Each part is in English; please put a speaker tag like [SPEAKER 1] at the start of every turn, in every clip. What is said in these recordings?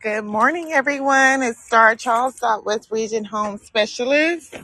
[SPEAKER 1] Good morning, everyone. It's Star Charles Southwest Region Home Specialist.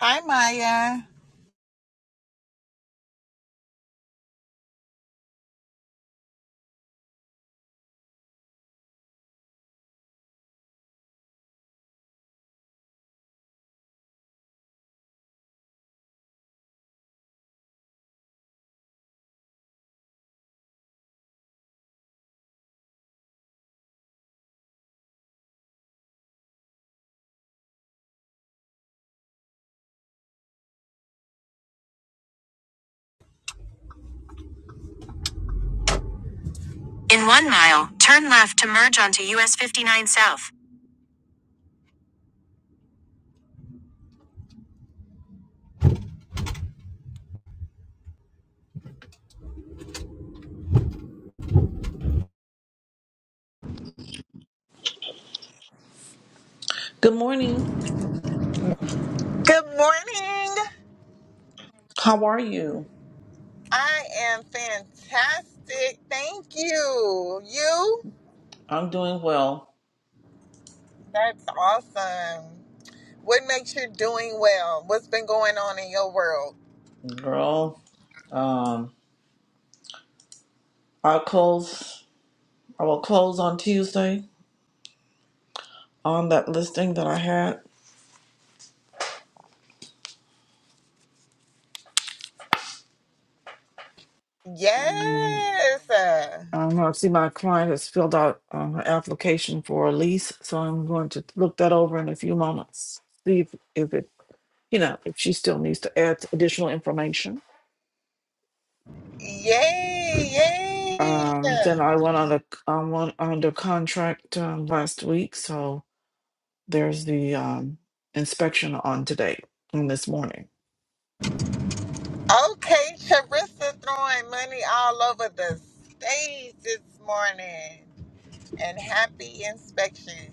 [SPEAKER 1] Hi, Maya. In one mile, turn left to merge onto US 59 South.
[SPEAKER 2] Good morning.
[SPEAKER 1] Good morning.
[SPEAKER 2] How are you?
[SPEAKER 1] I am fantastic. Thank you. You?
[SPEAKER 2] I'm doing well,
[SPEAKER 1] That's awesome. What makes you doing well? What's been going on in your world?
[SPEAKER 2] girl. Um, I'll close. I will close on Tuesday on that listing that I had. Um,
[SPEAKER 1] Yes.
[SPEAKER 2] I don't know. I see my client has filled out um, her application for a lease, so I'm going to look that over in a few moments. See if, if it, you know, if she still needs to add additional information.
[SPEAKER 1] Yay.
[SPEAKER 2] Um,
[SPEAKER 1] Yay.
[SPEAKER 2] then I went on a, I went under contract um, last week, so There's the um, inspection on today, on this morning.
[SPEAKER 1] Okay, Charissa throwing money all over the stage this morning. And happy inspection.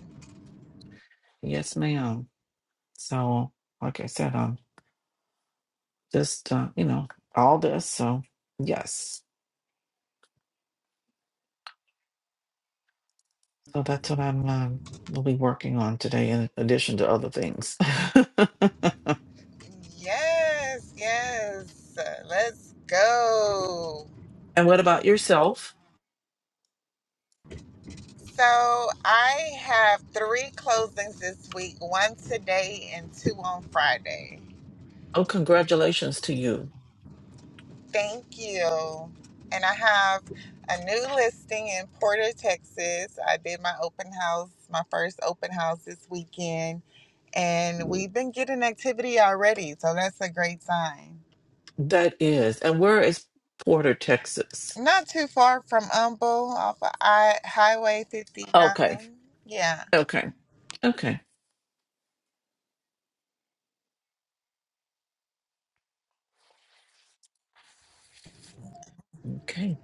[SPEAKER 2] Yes, ma'am. So, like I said, um, just uh, you know, all this. So, yes. So that's what I'm um, will be working on today, in addition to other things.
[SPEAKER 1] Yes, yes. Let's go.
[SPEAKER 2] and what about yourself?
[SPEAKER 1] So I have three closings this week, one today and two on Friday.
[SPEAKER 2] Oh, congratulations to you.
[SPEAKER 1] Thank you. And I have a new listing in Porter, Texas. I did my open house, my first open house this weekend, and we've been getting activity already, so that's a great sign.
[SPEAKER 2] That is. And where is Porter, Texas?
[SPEAKER 1] Not too far from Humble off of I- Highway 59.
[SPEAKER 2] Okay.
[SPEAKER 1] Yeah.
[SPEAKER 2] Okay. Okay. Okay.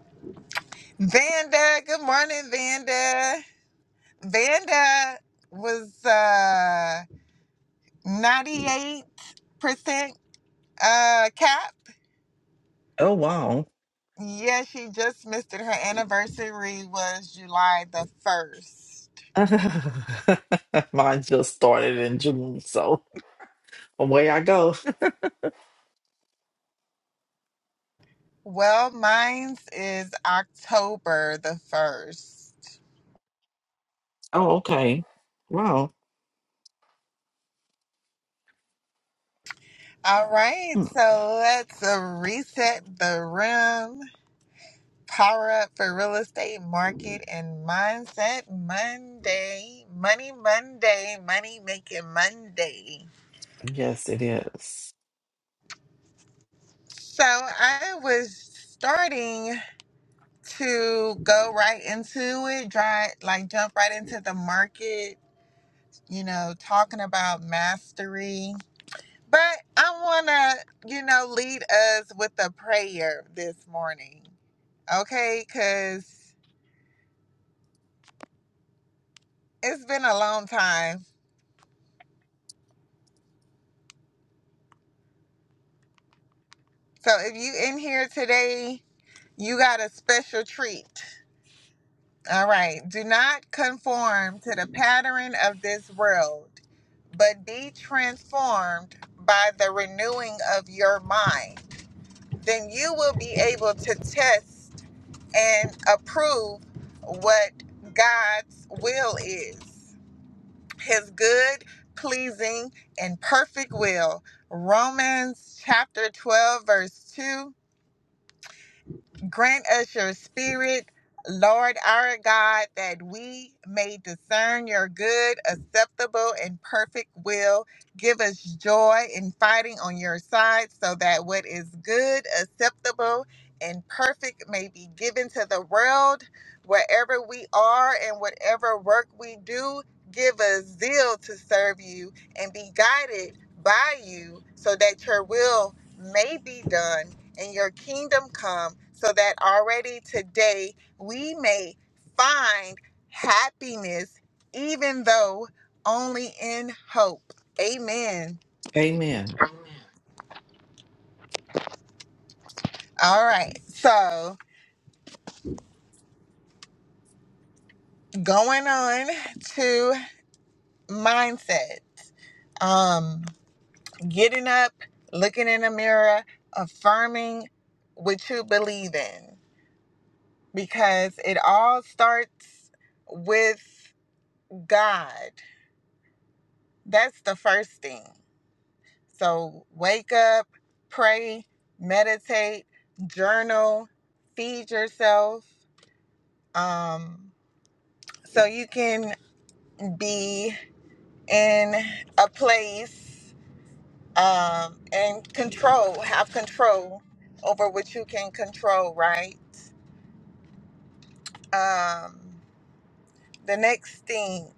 [SPEAKER 1] Vanda, good morning, Vanda. Vanda was uh 98% uh cap.
[SPEAKER 2] Oh, wow.
[SPEAKER 1] Yeah, she just missed it. Her anniversary was July the 1st.
[SPEAKER 2] Mine just started in June, so away I go.
[SPEAKER 1] Well, mine's is October the 1st.
[SPEAKER 2] Oh, okay. Wow.
[SPEAKER 1] All right,
[SPEAKER 2] Hmm.
[SPEAKER 1] so let's uh, reset the room. Power up for real estate market and mindset Monday. Money Monday, money making Monday.
[SPEAKER 2] Yes, it is.
[SPEAKER 1] So I was starting. to go right into it, dry, like jump right into the market, you know, talking about mastery. But I want to, you know, lead us with a prayer this morning, okay? Because it's been a long time. So if you in here today, you got a special treat. All right. Do not conform to the pattern of this world, but be transformed by the renewing of your mind. Then you will be able to test and approve what God's will is His good, pleasing, and perfect will. Romans chapter 12, verse 2 Grant us your spirit, Lord our God, that we may discern your good, acceptable, and perfect will. Give us joy in fighting on your side so that what is good, acceptable, and perfect may be given to the world wherever we are and whatever work we do. Give us zeal to serve you and be guided by you so that your will may be done and your kingdom come so that already today we may find happiness even though only in hope amen
[SPEAKER 2] Amen.
[SPEAKER 1] all right so going on to mindset um getting up looking in the mirror affirming what you believe in because it all starts with god that's the first thing So wake up, pray, meditate, journal, feed yourself. Um, so you can be in a place um, and control, have control over what you can control, right? Um, the next thing,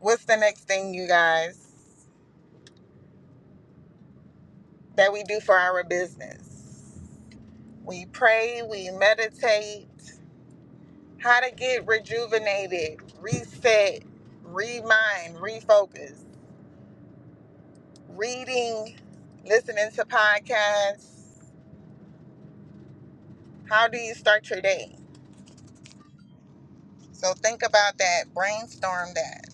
[SPEAKER 1] what's the next thing, you guys, that we do for our business? We pray, we meditate, How to get rejuvenated, reset, remind, refocus. Reading, listening to podcasts. How do you start your day? So think about that, brainstorm that.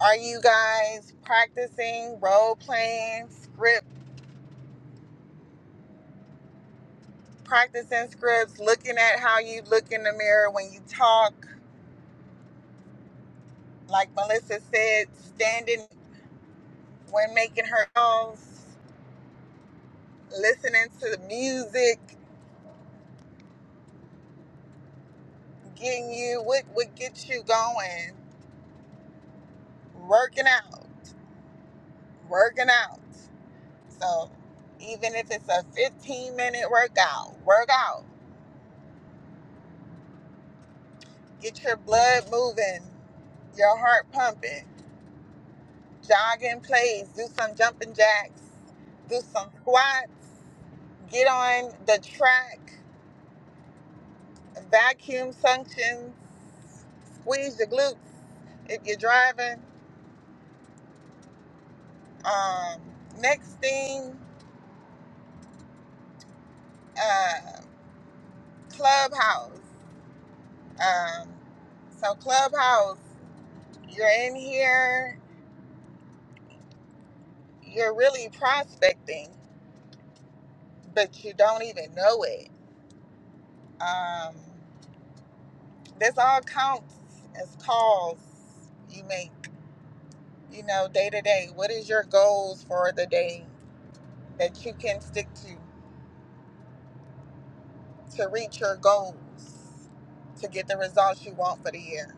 [SPEAKER 1] Are you guys practicing role playing, script, practicing scripts, looking at how you look in the mirror when you talk? Like Melissa said, standing when making her calls, listening to the music, getting you what what gets you going working out working out so even if it's a 15 minute workout work out get your blood moving your heart pumping jog in place do some jumping jacks do some squats get on the track vacuum suctions squeeze your glutes if you're driving um, next thing uh, clubhouse Um, so Clubhouse, you're in here, you're really prospecting, but you don't even know it. Um, this all counts as calls you make, you know, day to day. What is your goals for the day that you can stick to to reach your goals to get the results you want for the year?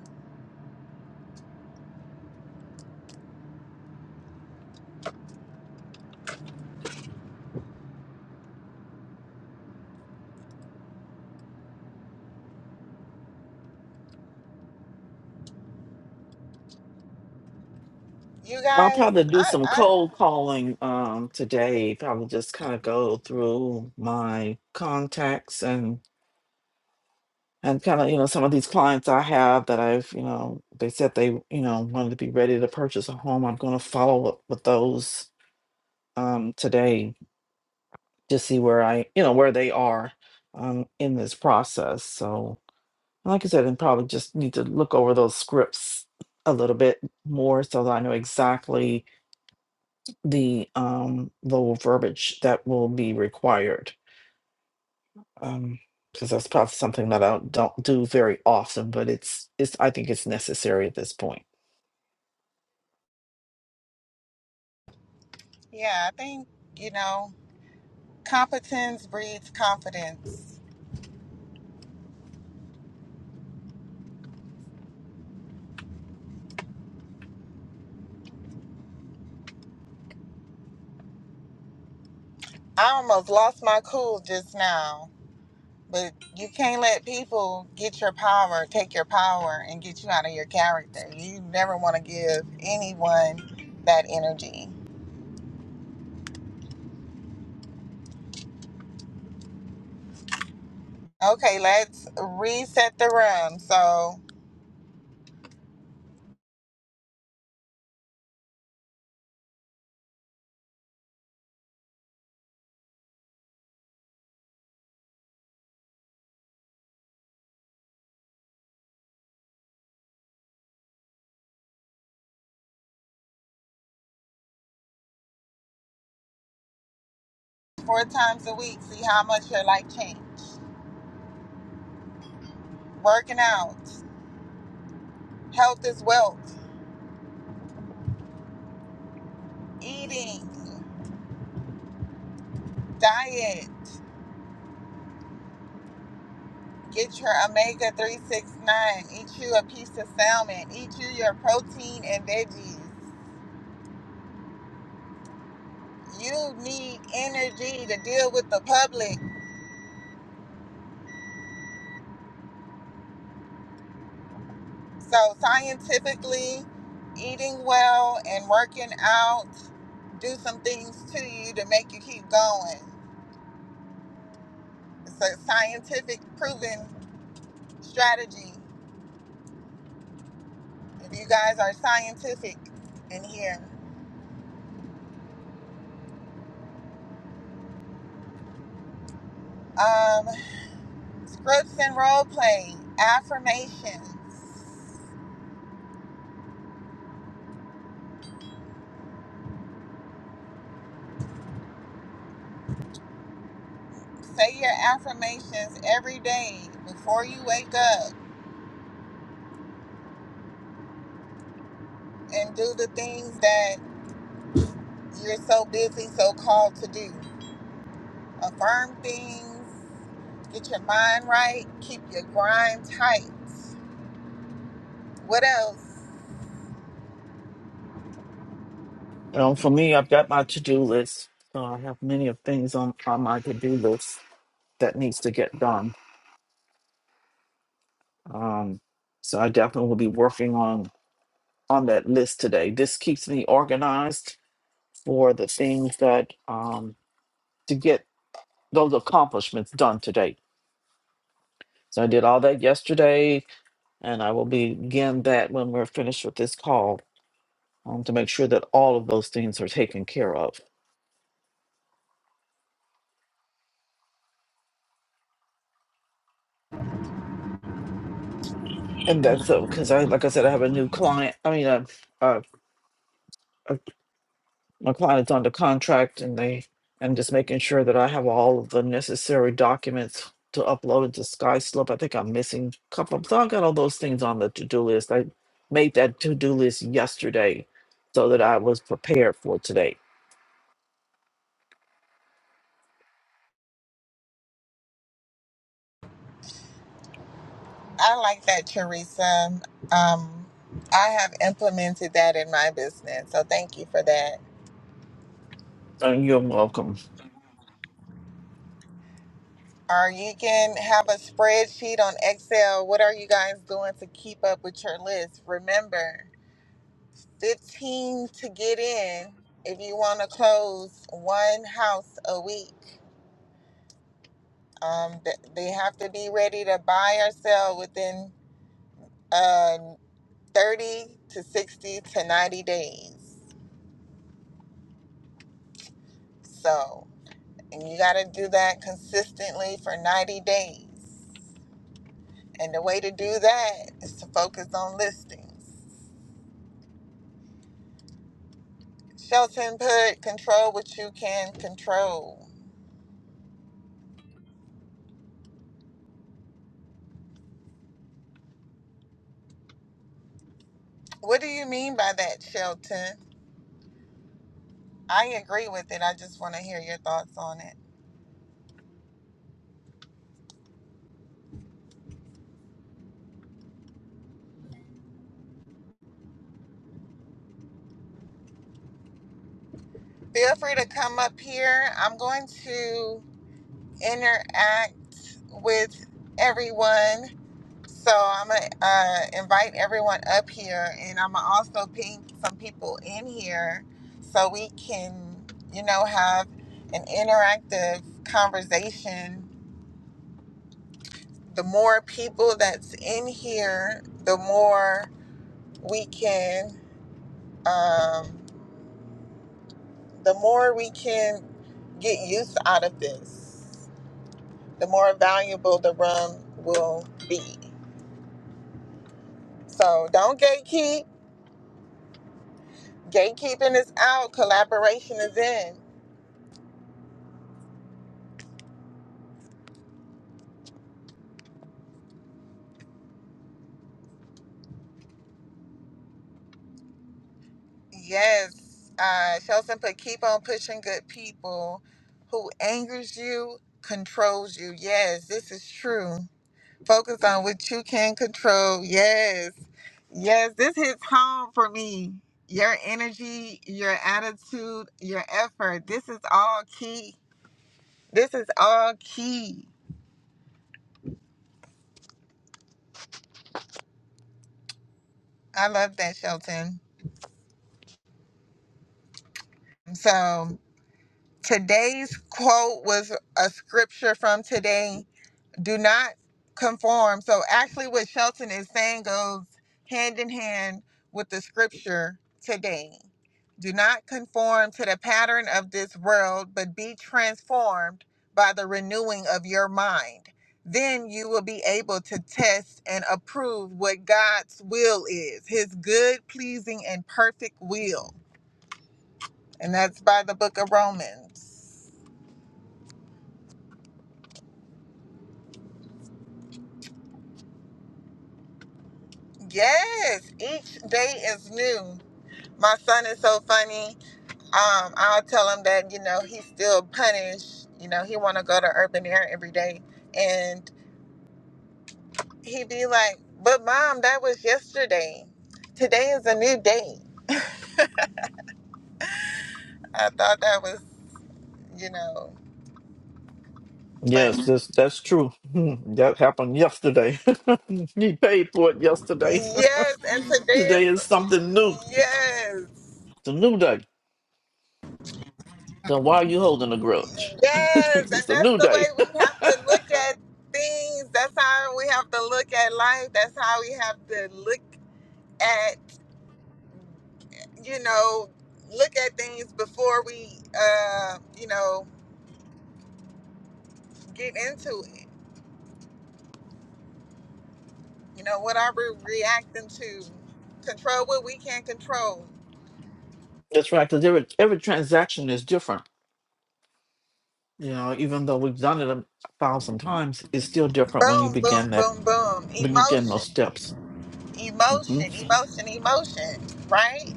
[SPEAKER 1] You
[SPEAKER 2] I'll
[SPEAKER 1] guys,
[SPEAKER 2] probably do
[SPEAKER 1] I,
[SPEAKER 2] some
[SPEAKER 1] I
[SPEAKER 2] cold calling um today. Probably just kind of go through my contacts and and kind of you know some of these clients I have that I've you know they said they you know wanted to be ready to purchase a home. I'm going to follow up with those um today to see where I, you know, where they are um, in this process. So, like I said, and probably just need to look over those scripts a little bit more so that I know exactly the um, the verbiage that will be required um because that's probably something that I don't do very often, but it's it's I think it's necessary at this point.
[SPEAKER 1] yeah, I think, you know, competence breeds confidence I almost lost my cool just now. But you can't let people get your power, take your power, and get you out of your character. You never want to give anyone that energy. Okay, let's reset the room. So, four times a week, see how much your life changed. Working out, health is wealth, eating, diet. Get your omega 369. Eat you a piece of salmon. Eat you your protein and veggies. you need energy to deal with the public. So, scientifically, eating well and working out do some things to you to make you keep going. It's a scientific proven strategy. If you guys are scientific in here, um, scripts and role play, affirmations. Say your affirmations every day before you wake up and do the things that you're so busy, so called to do. Affirm things, get your mind right, keep your grind tight. What else?
[SPEAKER 2] Well, for me, I've got my to-do list. So I have many of things on, on my to-do list that needs to get done. Um, so I definitely will be working on on that list today. This keeps me organized for the things that um to get those accomplishments done today. So I did all that yesterday, and I will begin that when we're finished with this call um, to make sure that all of those things are taken care of. And that's because I, like I said, I have a new client. I mean, a, my client's under contract and they and just making sure that I have all of the necessary documents to upload into SkySlope. I think I'm missing a couple. So I got all those things on the to-do list. I made that to-do list yesterday so that I was prepared for today.
[SPEAKER 1] I like that, Teresa. Um, I have implemented that in my business, so thank you for that.
[SPEAKER 2] So you're welcome.
[SPEAKER 1] Or you can have a spreadsheet on Excel. What are you guys doing to keep up with your list? Remember, 15 to get in if you want to close one house a week Um, th- they have to be ready to buy or sell within uh, 30 to 60 to 90 days. So, and you got to do that consistently for 90 days. And the way to do that is to focus on listings. Shelton put control what you can control. What do you mean by that, Shelton? I agree with it. I just want to hear your thoughts on it. Feel free to come up here. I'm going to. interact with everyone. So I'm gonna uh, invite everyone up here, and I'm gonna also ping some people in here so we can, you know, have an interactive conversation. The more people that's in here, the more we can, um, the more we can get use out of this. The more valuable the room will be. So don't gatekeep. Gatekeeping is out. Collaboration is in. Yes. Uh, Shelton put keep on pushing good people who angers you, controls you. Yes, this is true. Focus on what you can control. Yes. Yes, this hits home for me. Your energy, your attitude, your effort. This is all key. This is all key. I love that, Shelton. So, Today's quote was a scripture from today. Do not conform. So actually what Shelton is saying goes hand in hand with the scripture today. Do not conform to the pattern of this world, but be transformed by the renewing of your mind. Then you will be able to test and approve what God's will is, his good, pleasing, and perfect will. And that's by the book of Romans. Yes, each day is new. My son is so funny. Um, I'll tell him that you know he's still punished. You know he want to go to urban air every day, and he'd be like, "But mom, that was yesterday. Today is a new day." I thought that was you know
[SPEAKER 2] Yes,
[SPEAKER 1] funny.
[SPEAKER 2] that's that's true. Hmm, That happened yesterday. he paid for it yesterday.
[SPEAKER 1] Yes, and
[SPEAKER 2] today
[SPEAKER 1] today's
[SPEAKER 2] is something new. It's
[SPEAKER 1] yes.
[SPEAKER 2] a new day. So why are you holding a grudge?
[SPEAKER 1] Yes,
[SPEAKER 2] it's
[SPEAKER 1] and
[SPEAKER 2] just a
[SPEAKER 1] that's
[SPEAKER 2] new
[SPEAKER 1] the
[SPEAKER 2] day.
[SPEAKER 1] way we have to look at things. That's how we have to look at life. That's how we have to look at, you know, look at things before we, uh, you know, get into it. You know, what are we reacting to? Control what we can control.
[SPEAKER 2] That's right, because every every transaction is different. You know, even though we've done it a thousand times, it's still different when you
[SPEAKER 1] Boom, boom,
[SPEAKER 2] begin that
[SPEAKER 1] boom, boom.
[SPEAKER 2] when you begin those
[SPEAKER 1] Emotion,
[SPEAKER 2] steps. hmm
[SPEAKER 1] emotion, emotion, emotion, right?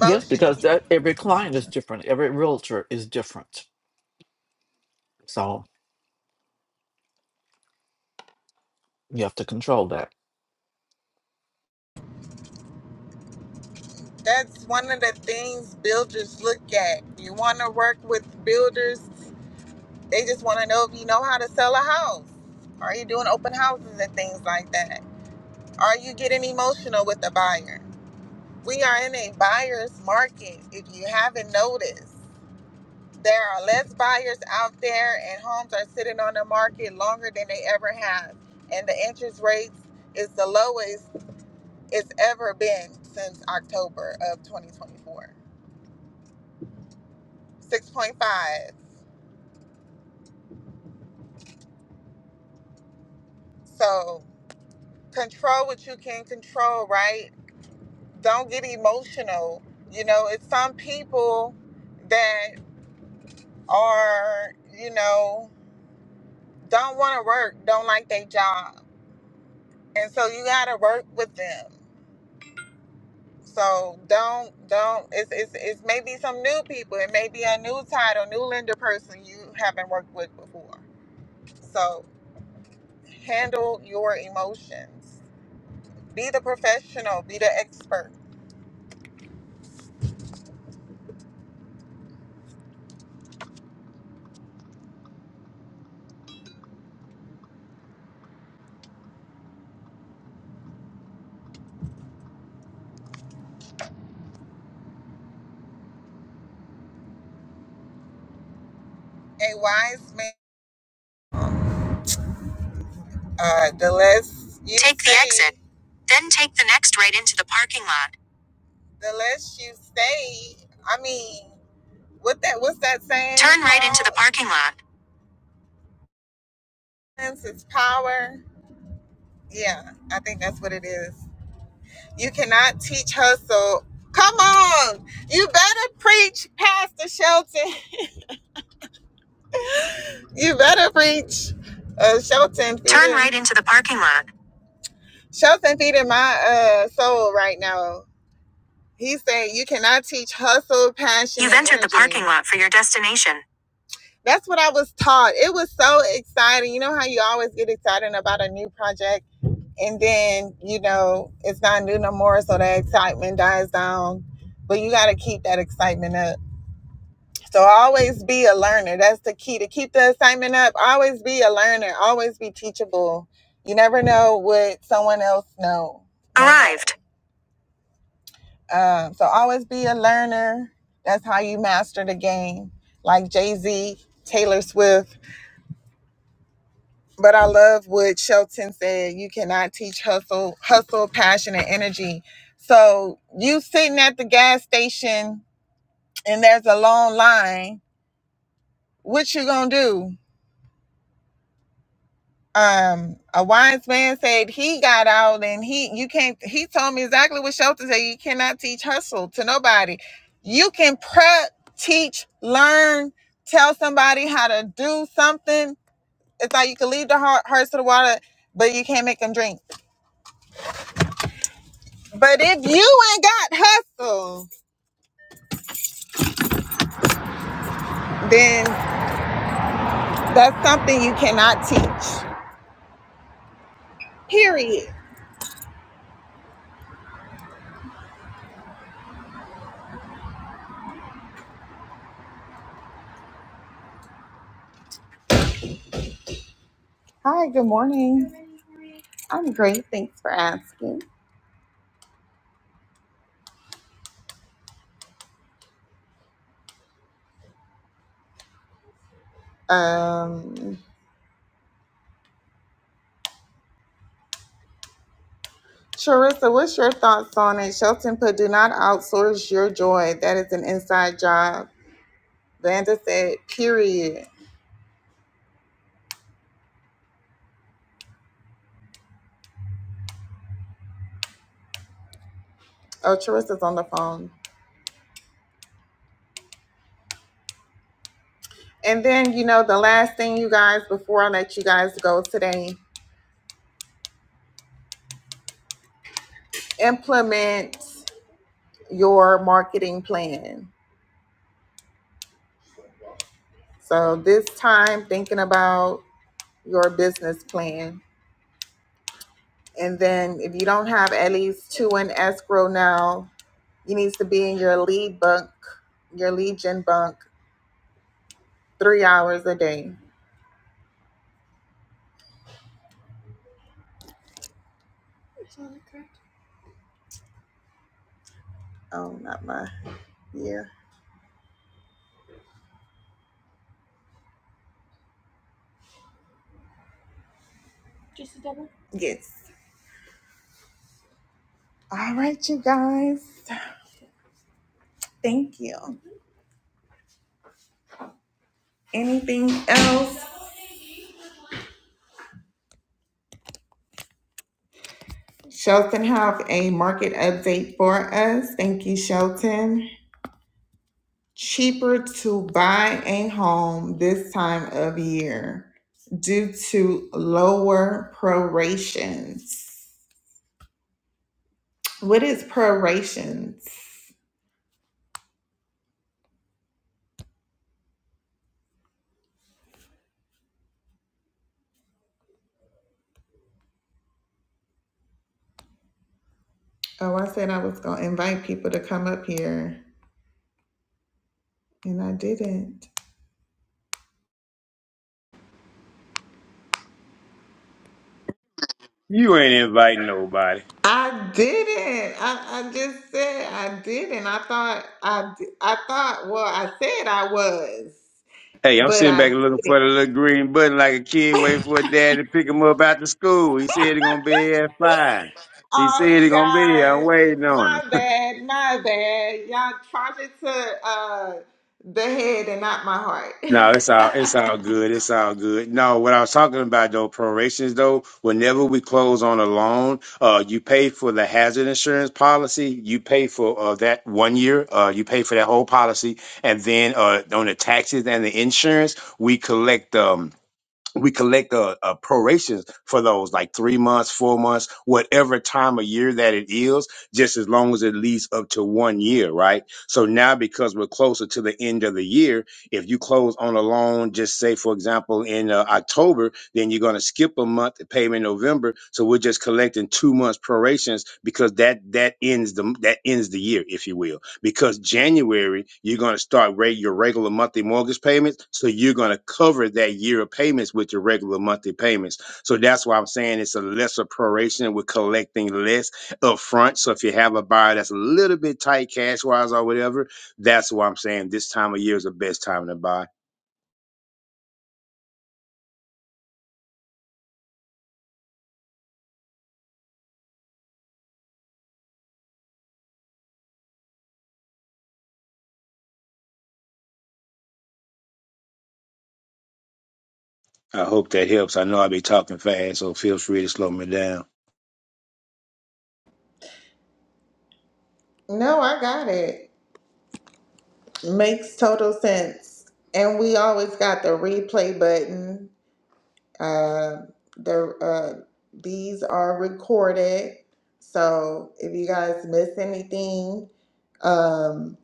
[SPEAKER 2] Yes, because that every client is different, every realtor is different, so you have to control that.
[SPEAKER 1] That's one of the things builders look at. You want to work with builders, they just want to know if you know how to sell a house. Are you doing open houses and things like that? Are you getting emotional with the buyer? We are in a buyer's market, if you haven't noticed. There are less buyers out there, and homes are sitting on the market longer than they ever have. And the interest rates is the lowest it's ever been since October of 2024. 6.5 So control what you can control, right? Don't get emotional. You know, it's some people that are, you know, don't want to work, don't like their job. And so you got to work with them. So don't, don't, it's, it's, it's maybe some new people. It may be a new title, new lender person you haven't worked with before. So handle your emotions. Be the professional, be the expert. A wise man. Uh, the less you take the stay- exit, then take the next right into the parking lot. The less you stay, I mean, what that what's that saying? Turn right called? into the parking lot. Silence is power. Yeah, I think that's what it is. You cannot teach hustle. Come on, you better preach, Pastor Shelton. you better preach, uh, Shelton. Turn right into the parking lot. Shelton feeding my uh soul right now. He said, you cannot teach hustle, passion. You've entered the parking lot for your destination. That's what I was taught. It was so exciting. You know how you always get excited about a new project and then, you know, it's not new no more, so that excitement dies down. But you gotta keep that excitement up. So always be a learner. That's the key to keep the excitement up. Always be a learner. Always be teachable. You never know what someone else knows. Arrived. Um, so always be a learner. That's how you master the game. Like Jay Z, Taylor Swift. But I love what Shelton said. You cannot teach hustle, hustle, passion, and energy. So you sitting at the gas station and there's a long line. What you gonna do? um a wise man said he got out and he you can't he told me exactly what Shelton said you cannot teach hustle to nobody you can prep teach learn tell somebody how to do something it's like you can lead the heart, hearts to the water but you can't make them drink but if you ain't got hustle then that's something you cannot teach period hi good morning i'm great thanks for asking um Sharissa, what's your thoughts on it? Shelton put, do not outsource your joy. That is an inside job. Vanda said, period. Oh, Charissa's on the phone. And then, you know, the last thing, you guys, before I let you guys go today, implement your marketing plan. So this time, thinking about your business plan. And then, if you don't have at least two in escrow now, you needs to be in your lead book, your lead gen book three hours a day. Oh, not my, yeah. Yes. All right, you guys. Thank you. Anything else? Shelton have a market update for us. Thank you, Shelton. Cheaper to buy a home this time of year due to lower prorations. What is prorations? Oh, I said I was going to invite people to come up here and I didn't.
[SPEAKER 3] You ain't inviting nobody.
[SPEAKER 1] I didn't. I, I just said I didn't. I thought I d- I thought well I said I was,
[SPEAKER 3] Hey, I'm
[SPEAKER 1] but
[SPEAKER 3] sitting back
[SPEAKER 1] I
[SPEAKER 3] looking
[SPEAKER 1] didn't.
[SPEAKER 3] for the little green button like a kid waiting for a dad to pick him up after school. He said he gonna be here at five. He said
[SPEAKER 1] Oh,
[SPEAKER 3] he
[SPEAKER 1] you
[SPEAKER 3] gonna be here. I'm
[SPEAKER 1] guys,
[SPEAKER 3] waiting on
[SPEAKER 1] my
[SPEAKER 3] him.
[SPEAKER 1] bad, my bad. Y'all charge it to uh the head and not my
[SPEAKER 3] No, it's all it's
[SPEAKER 1] heart.
[SPEAKER 3] all good. It's all good. No, what I was talking about though, prorations though, whenever we close on a loan, uh, you pay for the hazard insurance policy. You pay for uh, that one year. Uh, you pay for that whole policy, and then uh, on the taxes and the insurance, we collect. um. we collect uh, uh, prorations for those, like three months, four months, whatever time of year that it is, just as long as it leads up to one year, right? So now, because we're closer to the end of the year, if you close on a loan, just say, for example, in uh, October, then you're going to skip a month to pay in November. So we're just collecting two months prorations because that that ends the that ends the year, if you will because January you're going to start rate your regular monthly mortgage payments, so you're going to cover that year of payments with your regular monthly payments. So that's why I'm saying it's a lesser proration. We're collecting less upfront. So if you have a buyer that's a little bit tight cash wise or whatever, that's why I'm saying this time of year is the best time to buy. I hope that helps. I know I'll be talking fast, so feel free to slow me down.
[SPEAKER 1] no, I got it. Makes total sense. And we always got the replay button. Uh, the uh, these are recorded, so if you guys miss anything, um,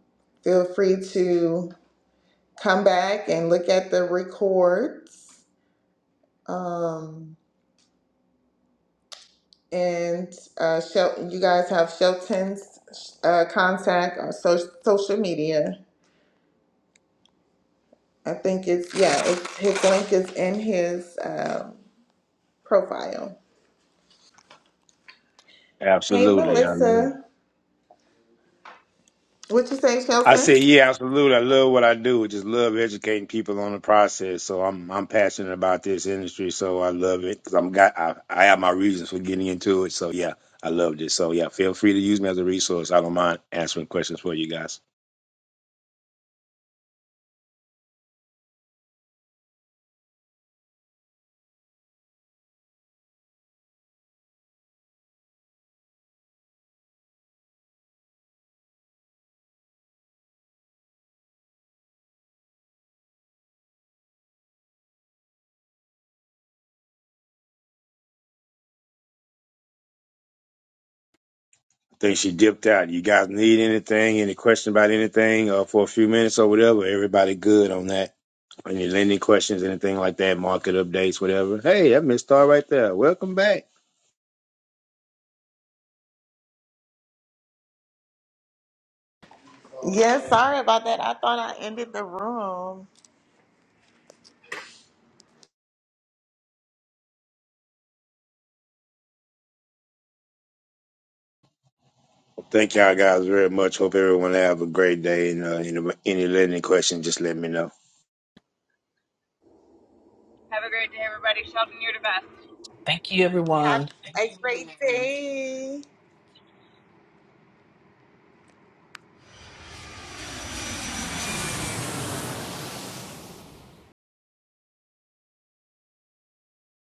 [SPEAKER 1] feel free to come back and look at the records. Um, and uh, Shel- you guys have Shelton's uh, contact on so- social media. I think it's yeah, it's, his link is in his um, profile. Hey,
[SPEAKER 3] Absolutely, I love it.
[SPEAKER 1] Melissa, what you say,
[SPEAKER 3] I
[SPEAKER 1] Shelton?
[SPEAKER 3] say, yeah, absolutely. I love what I do. I just love educating people on the process. So I'm I'm passionate about this industry. So I love it because I'm got I, I have my reasons for getting into it. So yeah, I loved it. So yeah, feel free to use me as a resource. I don't mind answering questions for you guys. I think she dipped out. You guys need anything? Any question about anything uh, for a few minutes or whatever? Everybody good on that. Any lending questions, anything like that? Market updates, whatever. Hey, that missed star right there. Welcome back.
[SPEAKER 1] Yes, sorry about that. I thought I ended the room.
[SPEAKER 3] Thank y'all guys very much. Hope everyone have a great day. And uh, any, any lending questions, just let me know.
[SPEAKER 4] Have a great day, everybody. Sheldon, you're the best.
[SPEAKER 2] Thank you,
[SPEAKER 1] Have
[SPEAKER 2] everyone.
[SPEAKER 1] a great day.